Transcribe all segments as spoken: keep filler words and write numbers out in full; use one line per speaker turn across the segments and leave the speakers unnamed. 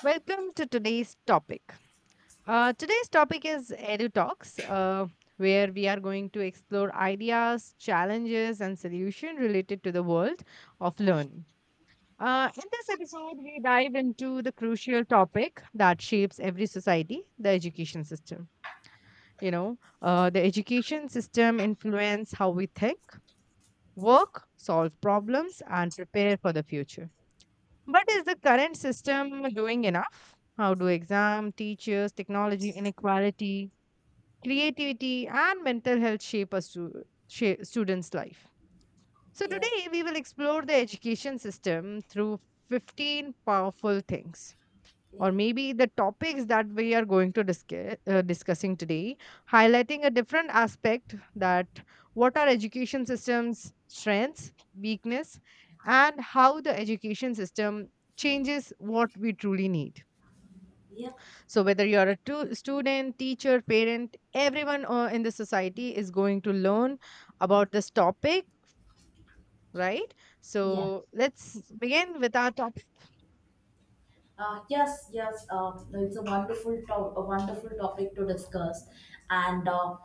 Welcome to today's topic. Uh, today's topic is Edu Talks, uh, where we are going to explore ideas, challenges, and solutions related to the world of learning. Uh, in this episode, we dive into the crucial topic that shapes every society the education system. You know, uh, the education system influence how we think, work, solve problems, and prepare for the future. But is the current system doing enough? How do exam, teachers, technology inequality, creativity, and mental health shape a stu- shape student's life? So,
Yeah,
today we will explore the education system through fifteen powerful things
yeah,
or maybe the topics that we are going to discuss, uh, discussing today, highlighting a different aspect that what are education system's strengths, weakness, and how the education system changes what we truly need.
yeah.
So whether you're a tu- student, teacher, parent, everyone uh, in the society is going to learn about this topic, right?
Yeah.
So let's begin with our topic.
Uh, yes, yes. Uh, it's a wonderful to- a wonderful topic to discuss, and uh,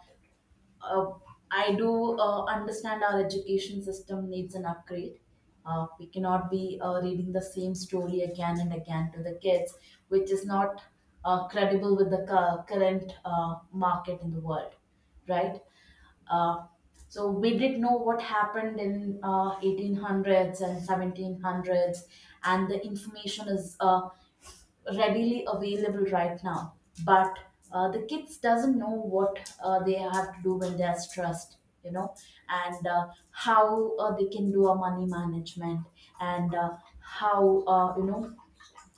uh, I do uh, understand our education system needs an upgrade. Uh, we cannot be uh, reading the same story again and again to the kids, which is not uh, credible with the cu- current uh, market in the world, right? Uh, so we did know what happened in uh, eighteen hundreds and seventeen hundreds, and the information is uh, readily available right now. But uh, the kids doesn't know what uh, they have to do when they are stressed, you know, and uh, how uh, they can do a money management, and uh, how uh, you know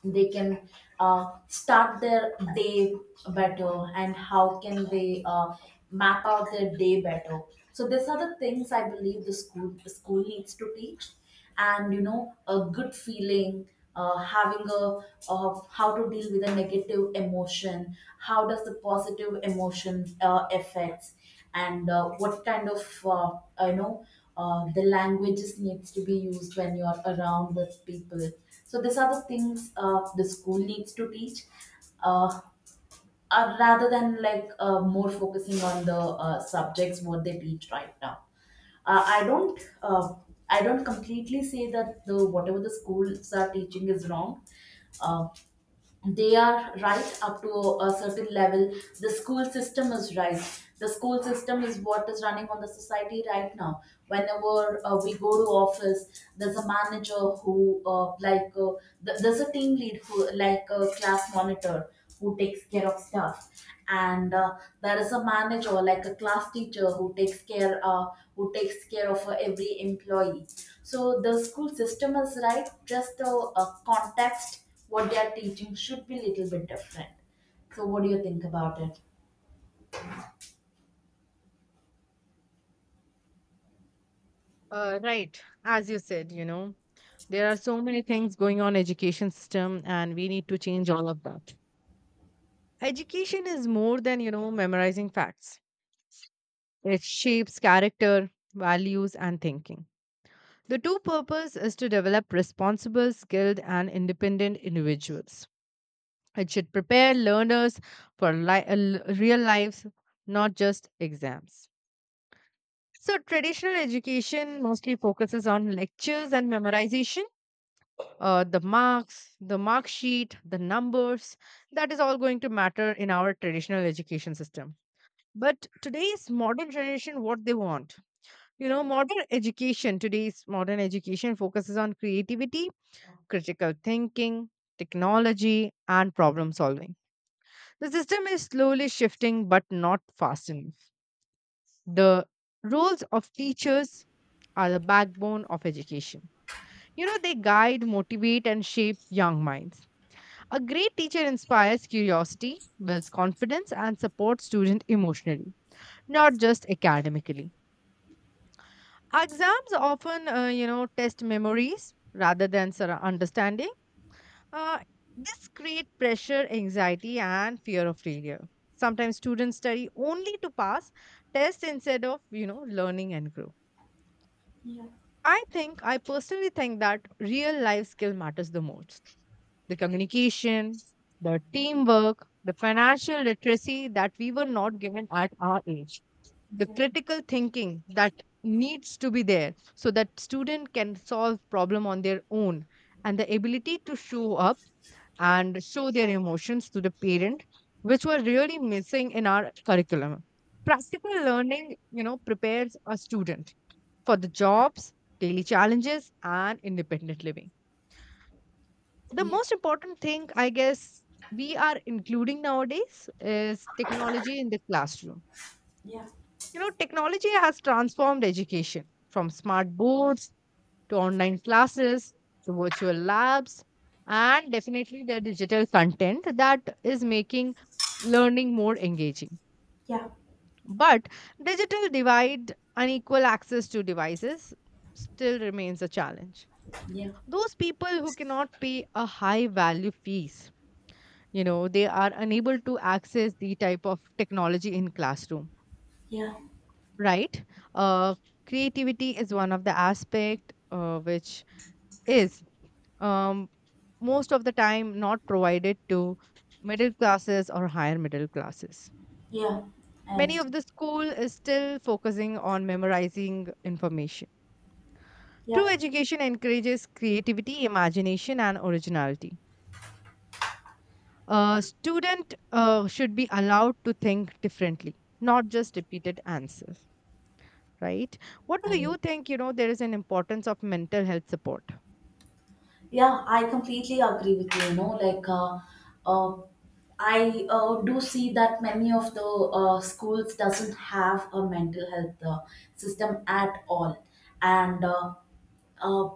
they can uh, start their day better, and how can they uh, map out their day better. So these are the things I believe the school the school needs to teach, and you know, a good feeling, uh, having a, of how to deal with a negative emotion, how does the positive emotion uh, affects, and uh, what kind of uh, you know uh, the languages needs to be used when you are around with people. So these are the things uh, the school needs to teach, uh, uh, rather than like uh, more focusing on the uh, subjects what they teach right now. Uh, I don't uh, I don't completely say that the whatever the schools are teaching is wrong. Uh they are right up to a certain level. The school system is right. The school system is what is running on the society right now. Whenever uh, we go to office, there's a manager who uh, like uh, th- there's a team lead who, like a class monitor, who takes care of stuff, and uh, there is a manager like a class teacher who takes care uh, who takes care of uh, every employee. So the school system is right, just the uh, context what they are teaching should be little bit different. So what do you think about it?
Uh, right, as you said, you know, there are so many things going on education system, and we need to change all of that. Education is more than you know memorizing facts. It shapes character, values, and thinking. The true purpose is to develop responsible, skilled, and independent individuals. It should prepare learners for li- uh, l- real lives, not just exams. So, traditional education mostly focuses on lectures and memorization uh, the marks, the mark sheet, the numbers, that is all going to matter in our traditional education system. But today's modern generation, what they want, you know, modern education, today's modern education focuses on creativity, critical thinking, technology, and problem solving. The system is slowly shifting, but not fast enough. The roles of teachers are the backbone of education. You know, they guide, motivate, and shape young minds. A great teacher inspires curiosity, builds confidence, and supports students emotionally, not just academically. Exams often, uh, you know, test memories rather than sur- understanding. Uh, this creates pressure, anxiety, and fear of failure. Sometimes students study only to pass tests instead of, you know, learning and grow.
Yeah,
I think, I personally think that real life skill matters the most. The communication, the teamwork, the financial literacy that we were not given at our age, the critical thinking that needs to be there so that student can solve problem on their own, and the ability to show up and show their emotions to the parent, which were really missing in our curriculum. Practical learning you know prepares a student for the jobs, daily challenges, and independent living. The
yeah,
most important thing I guess we are including nowadays is technology in the classroom.
yeah,
You know, technology has transformed education from smart boards to online classes to virtual labs, and definitely the digital content that is making learning more engaging.
yeah,
But digital divide, unequal access to devices, still remains a challenge.
yeah,
Those people who cannot pay a high value fees, you know they are unable to access the type of technology in classroom,
yeah,
right uh, creativity is one of the aspect uh, which is, um, most of the time not provided to middle classes or higher middle classes.
yeah. I
Many of
understand.
the school is still focusing on memorizing information.
Yeah.
True education encourages creativity, imagination, and originality.
uh,
A student uh, should be allowed to think differently, not just repeated answers, right? What do
I
you think? You know, there is an importance of mental health support.
Yeah, I completely agree with you. You know, like uh, uh, I uh, do see that many of the uh, schools doesn't have a mental health uh, system at all, and uh, uh,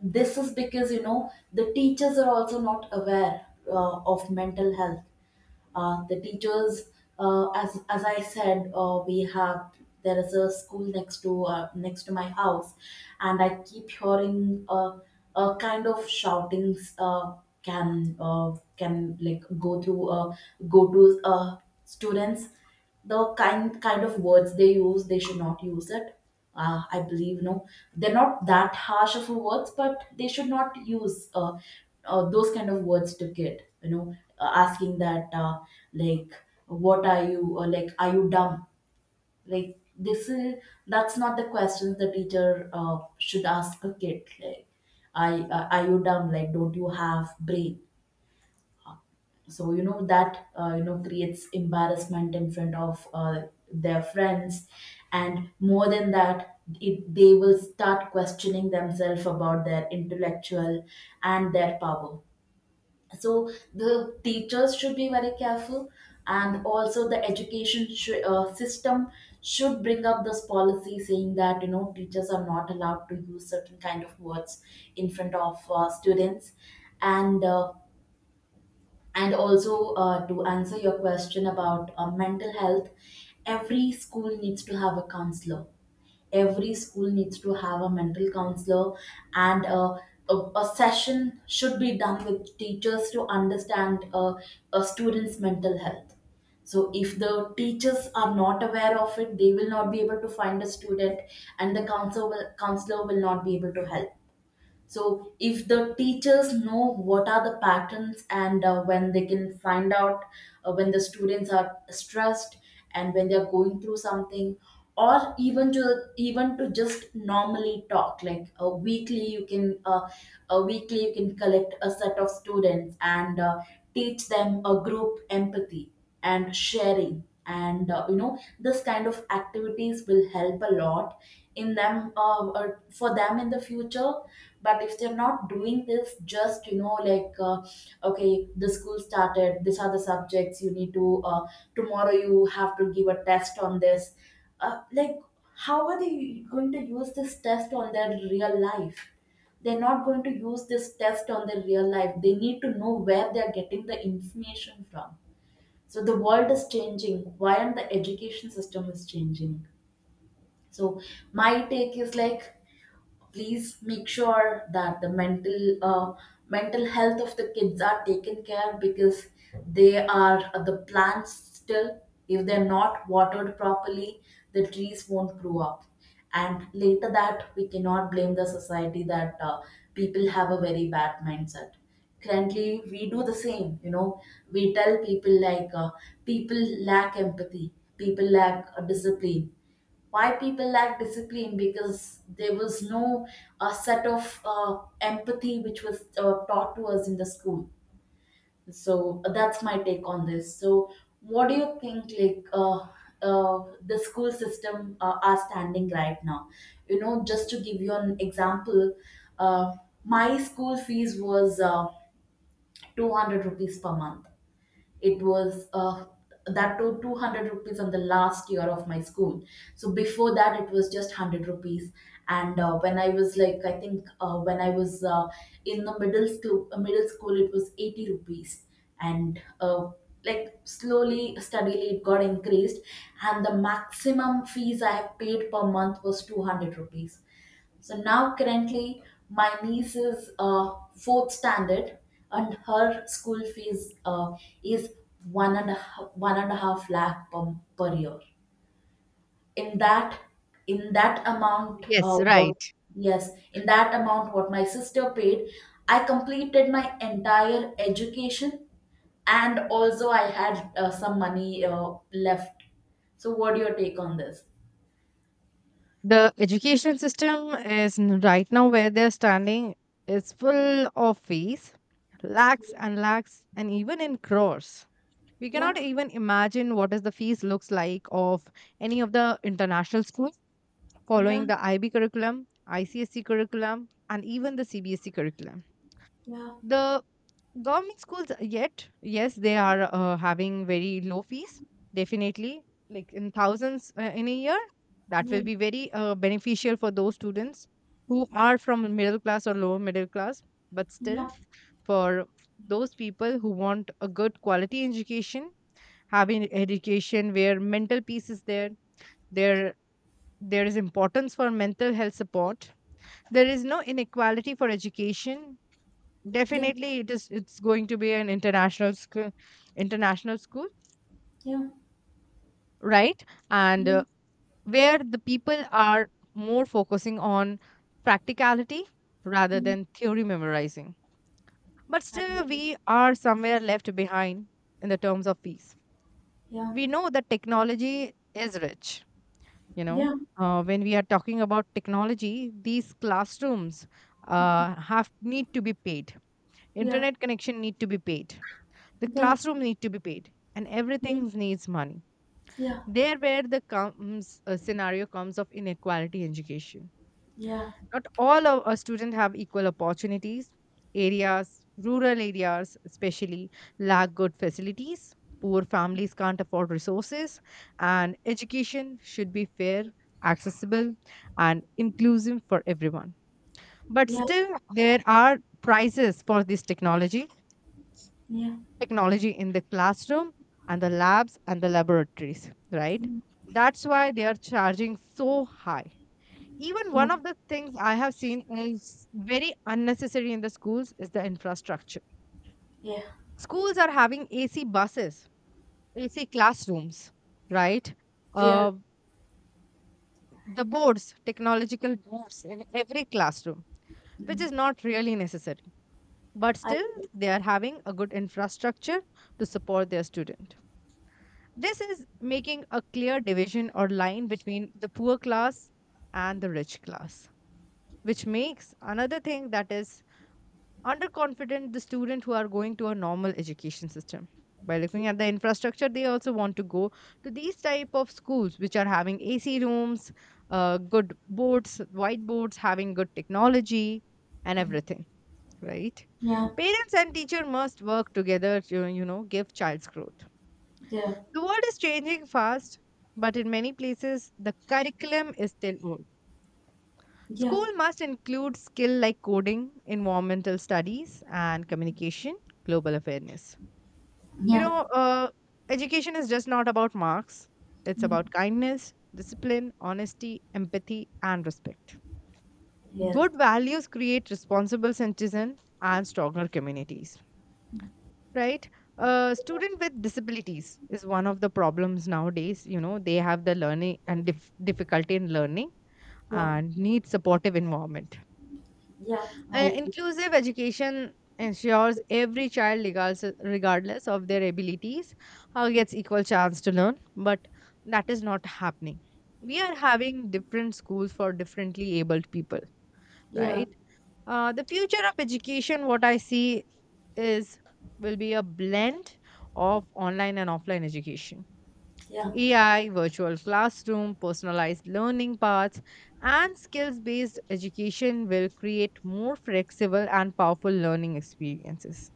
this is because you know the teachers are also not aware uh, of mental health. Uh, the teachers, uh, as as I said, uh, we have, there is a school next to uh, next to my house, and I keep hearing a a kind of shoutings. Uh, can uh, can like go through uh, go to uh, students, the kind kind of words they use, they should not use it. Uh, I believe, no, they're not that harsh of a words, but they should not use uh, uh, those kind of words to kid. You know, uh, asking that, uh, like, what are you? Or like, are you dumb? Like, this is, that's not the questions the teacher uh, should ask a kid. Like, I uh, are you dumb? Like, don't you have brain? So you know that, uh, you know creates embarrassment in front of uh, their friends, and more than that, it, they will start questioning themselves about their intellectual and their power. So the teachers should be very careful, and also the education sh- uh, system should bring up this policy saying that, you know, teachers are not allowed to use certain kind of words in front of uh, students. And uh, and also, uh, to answer your question about uh, mental health, every school needs to have a counselor. Every school needs to have a mental counselor. And uh, a, a session should be done with teachers to understand uh, a student's mental health. So if the teachers are not aware of it, they will not be able to find a student, and the counselor will, counselor will not be able to help. So if the teachers know what are the patterns, and uh, when they can find out uh, when the students are stressed, and when they are going through something, or even to even to just normally talk, like a weekly you can uh, a weekly you can collect a set of students, and uh, teach them a group empathy and sharing, and uh, you know, this kind of activities will help a lot in them, uh, or for them in the future. But if they're not doing this, just, you know, like, uh, okay, the school started, these are the subjects you need to uh, tomorrow you have to give a test on this. Uh, like how are they going to use this test on their real life? They're not going to use this test on their real life. They need to know where they're getting the information from. So the world is changing. Why and the education system is changing. So my take is like, please make sure that the mental uh, mental health of the kids are taken care, because they are uh, the plants still, if they're not watered properly, the trees won't grow up. And later that we cannot blame the society that uh, people have a very bad mindset. Currently we do the same, you know, we tell people like, uh, people lack empathy, people lack uh, discipline. Why people lack discipline? Because there was no uh, set of uh, empathy which was uh, taught to us in the school. So uh, that's my take on this. So what do you think, like, uh, uh, the school system uh, are standing right now? You know, just to give you an example, uh, my school fees was uh, two hundred rupees per month. It was, uh, that to, two hundred rupees on the last year of my school. So before that it was just one hundred rupees. And uh, when I was, like, I think uh, when I was uh, in the middle school uh, middle school it was eighty rupees. And uh, like slowly steadily it got increased, and the maximum fees I have paid per month was two hundred rupees. So now currently my niece is uh, fourth standard, and her school fees uh, is one and a half, one and a half lakh per, per year. In that, in that amount uh,
Yes,
what...
right.
Yes, in that amount what my sister paid, I completed my entire education, and also I had uh, some money uh, left. So what do your take on this?
The education system is n- right now where they're standing is full of fees, lakhs and lakhs, and even in crores. We
Yeah,
cannot even imagine what is the fees looks like of any of the international schools following the I B curriculum, I C S C curriculum, and even the C B S E curriculum.
yeah,
The government schools, uh, yet yes they are uh, having very low fees, definitely, like in thousands uh, in a year. That will be very uh, beneficial for those students who are from middle class or lower middle class, but still,
yeah,
for those people who want a good quality education, having education where mental peace is there, there there is importance for mental health support, there is no inequality for education,
yeah,
definitely it is it's going to be an international school, international school,
yeah.
right. and uh, where the people are more focusing on practicality rather
Yeah.
than theory memorizing, but
And
still
um,
we are somewhere left behind in the terms of peace.
yeah,
We know that technology is rich, you know,
yeah,
uh, when we are talking about technology these classrooms uh, have need to be paid,
yeah,
internet connection need to be paid. The
yeah,
classroom need to be paid, and everything needs money.
yeah,
There where the comes a scenario comes of inequality in education.
yeah,
Not all of our students have equal opportunities. Areas, rural areas especially, lack good facilities. Poor families can't afford resources, and education should be fair, accessible, and inclusive for everyone. But
yeah, yeah,
still, there are prices for this technology,
yeah,
technology in the classroom and the labs and the laboratories, right?
mm,
That's why they are charging so high. Even
yeah,
one of the things I have seen is very unnecessary in the schools is the infrastructure.
yeah,
Schools are having A C buses, A C classrooms, right?
yeah,
Uh, the boards, technological boards in every classroom, which
mm,
is not really necessary. But
I
still,
agree.
they are having a good infrastructure to support their student. This is making a clear division or line between the poor class and the rich class, which makes another thing that is underconfident the student who are going to a normal education system. By looking at the infrastructure, they also want to go to these type of schools which are having A C rooms, uh, good boards, whiteboards, having good technology, and
Mm,
everything. Right?
yeah,
Parents and teacher must work together to you know give child's growth.
yeah,
The world is changing fast, but in many places, the curriculum is still old.
yeah,
School must include skill like coding, environmental studies, and communication, global awareness. You
yeah,
know, uh, education is just not about marks, it's
mm,
about kindness, discipline, honesty, empathy, and respect.
yeah,
Good values create responsible citizens and stronger communities. right uh, student with disabilities is one of the problems nowadays, you know they have the learning and dif- difficulty in learning
yeah,
and need supportive environment.
yeah, I
uh,
agree.
inclusive education ensures every child regardless, regardless of their abilities uh, gets equal chance to learn, but that is not happening. We are having different schools for differently abled people,
Yeah,
right? Uh, the future of education, what I see is will be a blend of online and offline education.
yeah,
A I, virtual classroom, personalized learning paths, and skills based education will create more flexible and powerful learning experiences.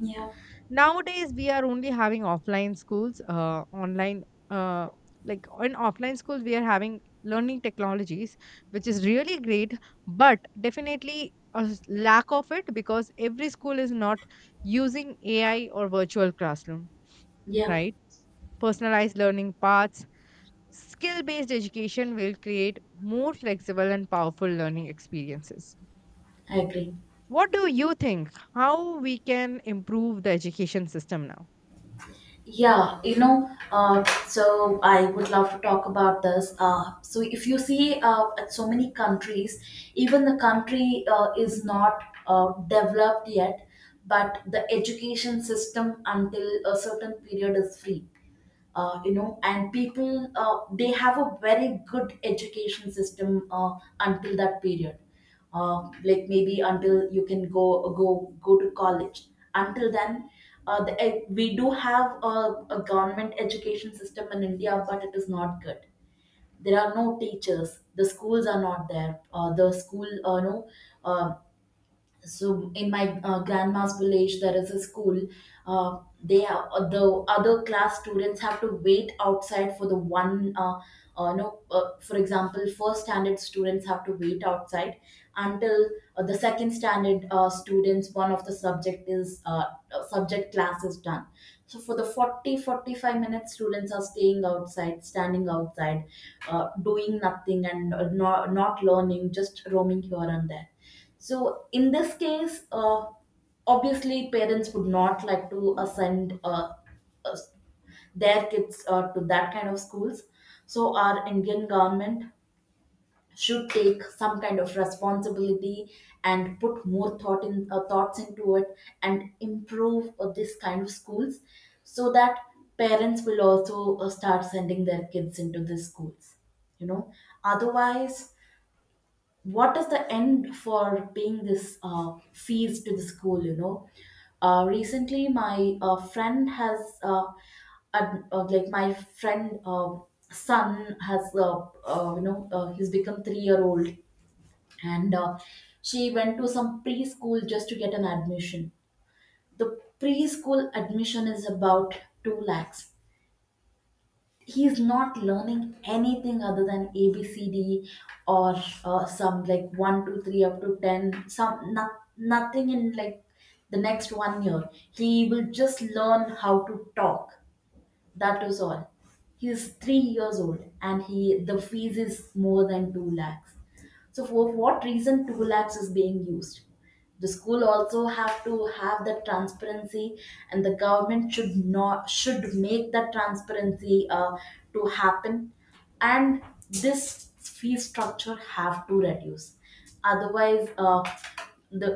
yeah,
Nowadays we are only having offline schools, uh, online uh, like in offline schools we are having learning technologies, which is really great, but definitely a s- lack of it, because every school is not using ai or virtual classroom,
yeah,
right. Personalized learning paths, skill based education will create more flexible and powerful learning experiences.
I agree.
What do you think how we can improve the education system now?
Yeah, you know, uh, so I would love to talk about this. Uh, so if you see uh, at so many countries, even the country uh, is not uh, developed yet, but the education system until a certain period is free, uh, you know and people, uh, they have a very good education system uh, until that period, uh, like maybe until you can go go go to college, until then. uh, the, eh, we do have a, a government education system in india, but it is not good. There are no teachers, the schools are not there, uh, the school uh, no, um so in my uh, grandma's village there is a school. Uh, they are, uh, the other class students have to wait outside for the one, uh, uh, no, uh, for example, first standard students have to wait outside until uh, the second standard uh, students, one of the subject is, uh, uh, subject class is done. So for the forty forty five minutes, students are staying outside, standing outside, uh, doing nothing, and uh, not, not learning, just roaming here and there. So in this case, uh, obviously parents would not like to uh, send uh, uh, their kids uh, to that kind of schools. So our Indian government should take some kind of responsibility and put more thought in uh, thoughts into it and improve uh, this kind of schools, so that parents will also uh, start sending their kids into these schools you know Otherwise, what is the end for paying this uh, fees to the school you know uh, Recently my uh, friend has uh, ad- uh, like my friend uh, son has uh, uh, you know uh, he's become three year old. And uh, She went to some preschool just to get an admission. The preschool admission is about two lakhs. He's not learning anything other than abcd, or uh, some like one two three up to ten. Some not, Nothing in, like, the next one year he will just learn how to talk. That is all. He's three years old and he the fees is more than two lakhs. So for what reason two lakhs is being used? The school also have to have that transparency, and the government should not should make that transparency uh, to happen. And this fee structure have to reduce. otherwise uh, the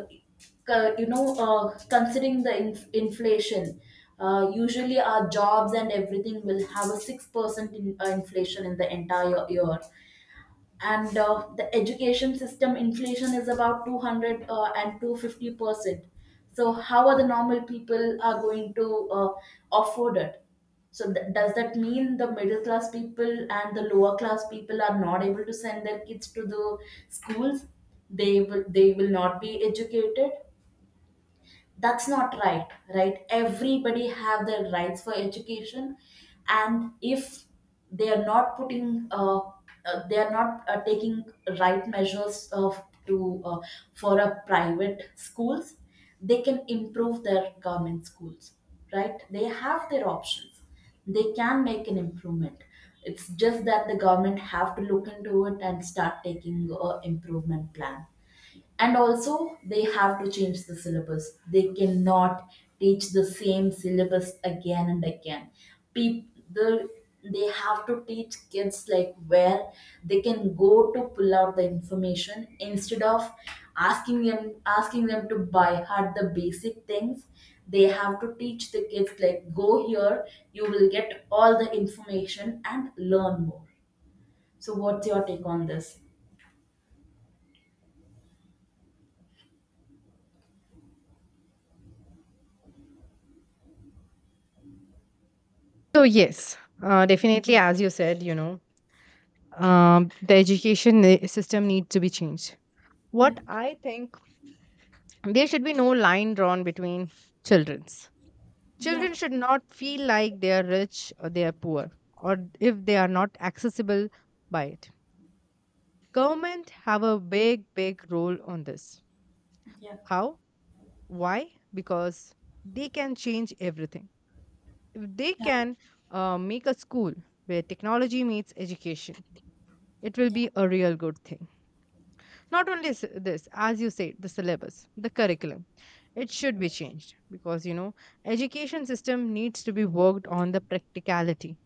uh, you know uh, considering the inf- inflation, uh, usually our jobs and everything will have a six percent in, uh, inflation in the entire year, and uh, the education system inflation is about two hundred uh, and two hundred fifty percent. So how are the normal people are going to uh, afford it? So th- does that mean the middle class people and the lower class people are not able to send their kids to the schools? They will, they will not be educated. That's not right. Right, everybody have their rights for education. And if they are not putting uh, uh, they are not uh, taking right measures of to uh, for a private schools, they can improve their government schools. Right, they have their options. They can make an improvement. It's just that the government have to look into it and start taking uh, improvement plan. And also they have to change the syllabus. They cannot teach the same syllabus again and again. people the, they have to teach kids like where they can go to pull out the information, instead of asking them asking them to buy hard the basic things. They have to teach the kids like, go here, you will get all the information and learn more. So what's your take on this?
So yes, uh, definitely, as you said, you know, um, the education ne- system needs to be changed. What I think, there should be no line drawn between childrens.
Yeah,
Children should not feel like they are rich or they are poor, or if they are not accessible by it. Government have a big, big role on this. How? Why? Because they can change everything. If they can uh, make a school where technology meets education, it will
yeah,
be a real good thing. Not only s- this, as you said, the syllabus, the curriculum, it should be changed because you know education system needs to be worked on the practicality.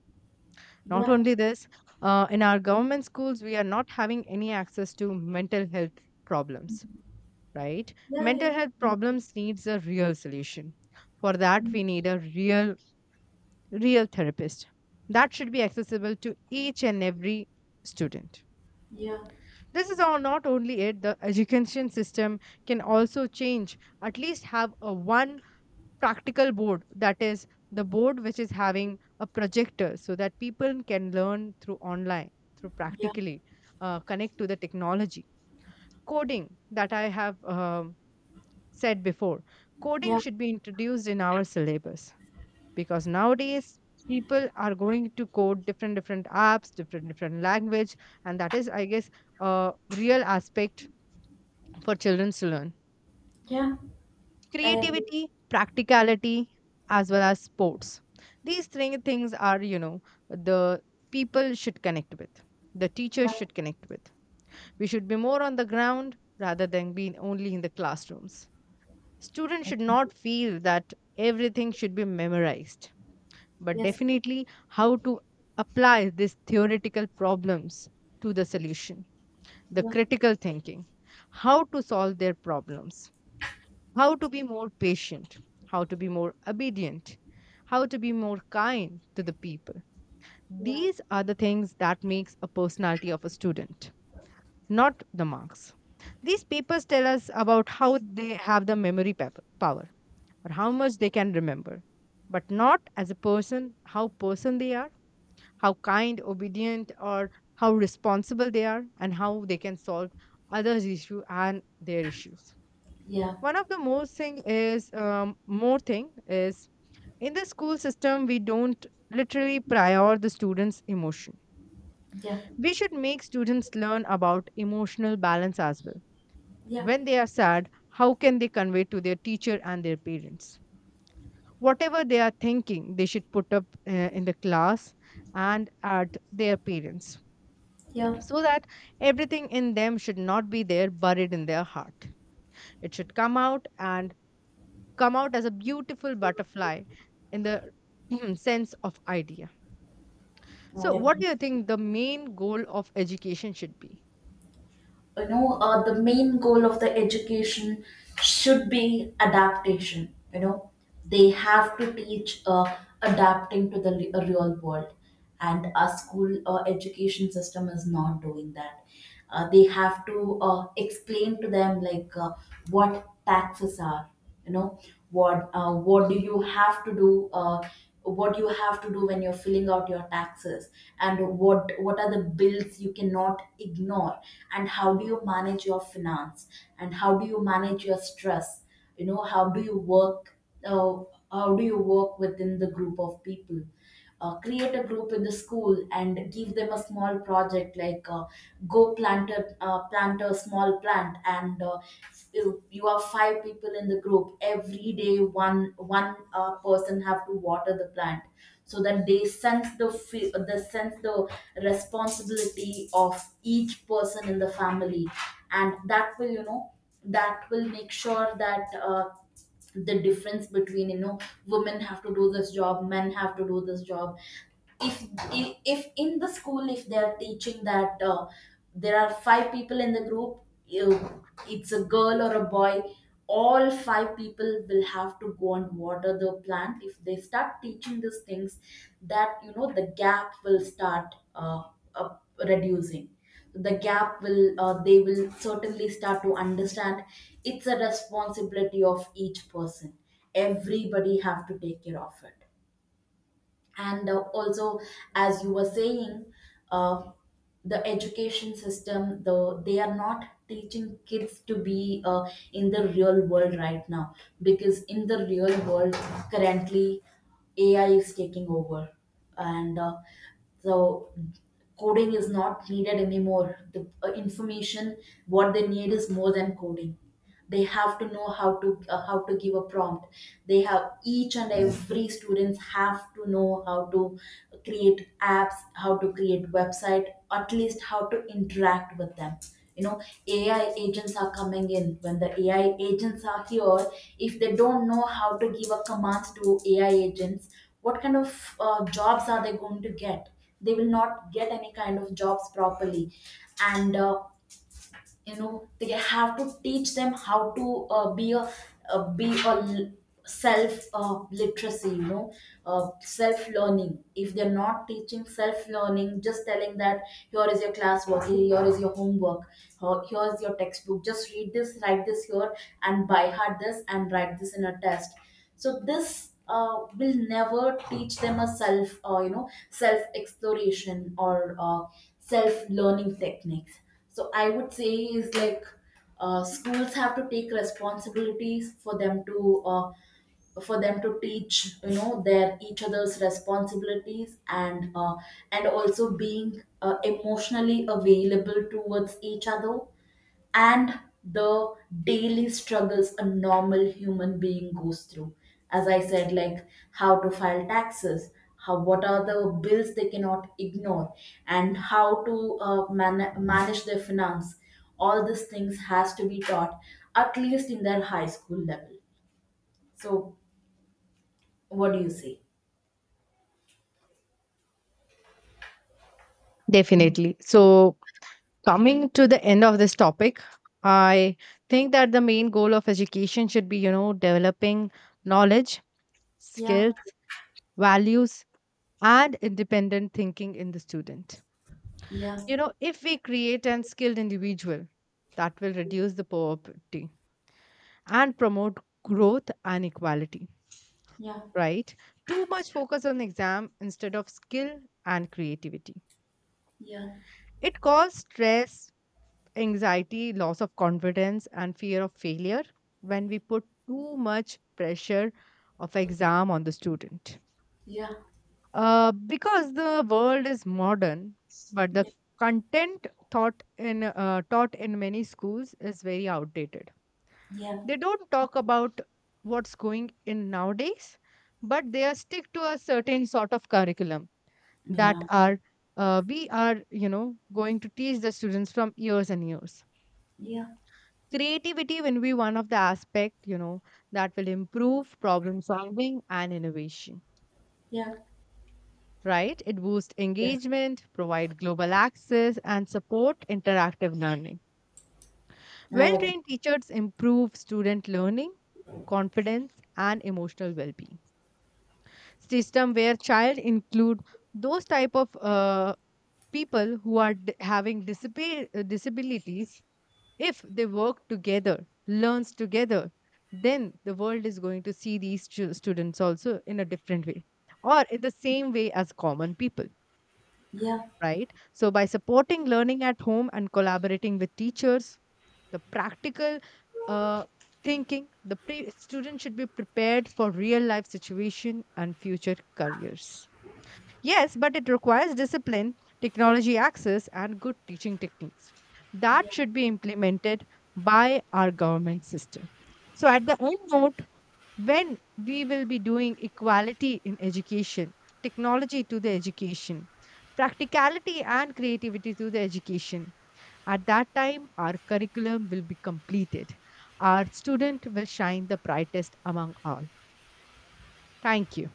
Not
yeah.
only this, uh, in our government schools, we are not having any access to mental health problems. Right?
Yeah,
Mental health
yeah.
problems needs a real solution. For that, we need a real, real therapist that should be accessible to each and every student.
Yeah,
This is all not only it, the education system can also change, at least have a one practical board that is the board which is having a projector so that people can learn through online, through practically uh, connect to the technology. Coding that I have um said before, coding
yeah,
should be introduced in our syllabus because nowadays people are going to code different different apps, different different language, and that is I guess a real aspect for children to learn.
yeah. I agree.
Creativity, practicality, as well as sports. These three things are, you know, the people should connect with, the teachers
Yeah,
should connect with. We should be more on the ground rather than being only in the classrooms. Students
I
should
agree.
not feel that everything should be memorized, but
Yes,
definitely how to apply these theoretical problems to the solution, the
yeah,
critical thinking, how to solve their problems, how to be more patient, how to be more obedient, how to be more kind to the people.
yeah,
These are the things that makes a personality of a student, not the marks. These papers tell us about how they have the memory pep- power or how much they can remember, but not as a person, how person they are, how kind, obedient, or how responsible they are, and how they can solve others' issue and their issues.
yeah,
One of the most thing is um, more thing is in the school system we don't literally prior the students' emotion.
yeah,
We should make students learn about emotional balance as well.
yeah,
When they are sad, how can they convey to their teacher and their parents? Whatever they are thinking, they should put up uh, in the class and at their parents,
yeah.
so that everything in them should not be there buried in their heart. It should come out and come out as a beautiful butterfly in the sense of idea.
I
So, what
agree.
do you think the main goal of education should be?
You know, uh, the main goal of the education should be adaptation. You know, they have to teach uh, adapting to the re- uh, real world, and our school uh, education system is not doing that. Uh, they have to uh, explain to them like uh, what taxes are, you know, what uh, what do you have to do uh, what you have to do when you're filling out your taxes, and what what are the bills you cannot ignore, and how do you manage your finance, and how do you manage your stress. You know, how do you work uh, how do you work within the group of people. Uh, create a group in the school and give them a small project, like, uh, go plant a, uh, plant a small plant, and uh, you, you are five people in the group. Every day one one uh, person have to water the plant, so that they sense the fe- the sense the responsibility of each person in the family. And that will, you know, that will make sure that uh, the difference between, you know, women have to do this job, men have to do this job. If if in the school, if they are teaching that uh, there are five people in the group, you, it's a girl or a boy, all five people will have to go and water the plant. If they start teaching these things, that, you know, the gap will start uh, uh, reducing. The gap will, uh, they will certainly start to understand it's a responsibility of each person. Everybody have to take care of it. And uh, also, as you were saying, uh, the education system, though, they are not teaching kids to be uh, in the real world right now, because in the real world currently, AI is taking over. And uh, so coding is not needed anymore. The uh, information what they need is more than coding. They have to know how to uh, how to give a prompt. They have Each and every students have to know how to create apps, how to create website, at least how to interact with them. You know, A I agents are coming in. When the A I agents are here, if they don't know how to give a command to A I agents, what kind of uh, jobs are they going to get? They will not get any kind of jobs properly. And uh, you know, they have to teach them how to uh, be a uh, be a l- self uh, literacy, you know, uh, self learning. If they're not teaching self learning, just telling that, here is your classwork, here is your homework, uh, here's your textbook, just read this, write this here, and by heart this and write this in a test. So this uh, will never teach them a self, uh, you know, self exploration or uh, self learning techniques. So I would say, is like, uh, schools have to take responsibilities for them to uh, for them to teach, you know, their each other's responsibilities, and uh, and also being uh, emotionally available towards each other, and the daily struggles a normal human being goes through. As I said, like, how to file taxes, how what are the bills they cannot ignore, and how to uh, man- manage their finance. All these things has to be taught at least in their high school level. So what do you say?
Definitely. So, coming to the end of this topic, I think that the main goal of education should be, you know, developing knowledge,
Yeah.
skills, values, and independent thinking in the student.
Yeah.
You know, if we create an skilled individual, that will reduce the poverty and promote growth and equality,
Yeah.
right? Too much focus on exam instead of skill and creativity.
Yeah.
It causes stress, anxiety, loss of confidence, and fear of failure when we put too much pressure of exam on the student.
Yeah.
Uh, because the world is modern, but the
Yeah.
content taught in uh, taught in many schools is very outdated.
Yeah.
They don't talk about what's going in nowadays, but they are stick to a certain sort of curriculum that
Yeah.
are uh, we are you know going to teach the students from years and years.
Yeah.
Creativity will be one of the aspect, you know, that will improve problem solving and innovation,
Yeah.
right. It boosts
Yes,
engagement, provide global access and support interactive learning.
I
Well
agree.
trained teachers improve student learning, confidence, and emotional well-being. System where child include those type of uh, people who are d- having disab- disabilities, if they work together, learns together, then the world is going to see these stu- students also in a different way or in the same way as common people,
Yeah.
right. So by supporting learning at home and collaborating with teachers, the practical uh, thinking the pre- student should be prepared for real life situation and future careers. Yes, but it requires discipline, technology access, and good teaching techniques. That
Yeah.
should be implemented by our government system. So, at the end note, when we will be doing equality in education, technology to the education, practicality and creativity to the education, at that time, our curriculum will be completed. Our student will shine the brightest among all. Thank you.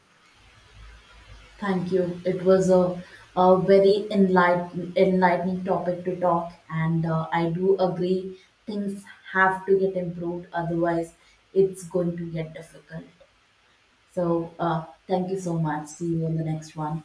Thank you. It was a, a very enlighten, enlightening topic to talk, and uh, I do agree things have to get improved, otherwise, it's going to get difficult. So, uh, thank you so much. See you on the next one.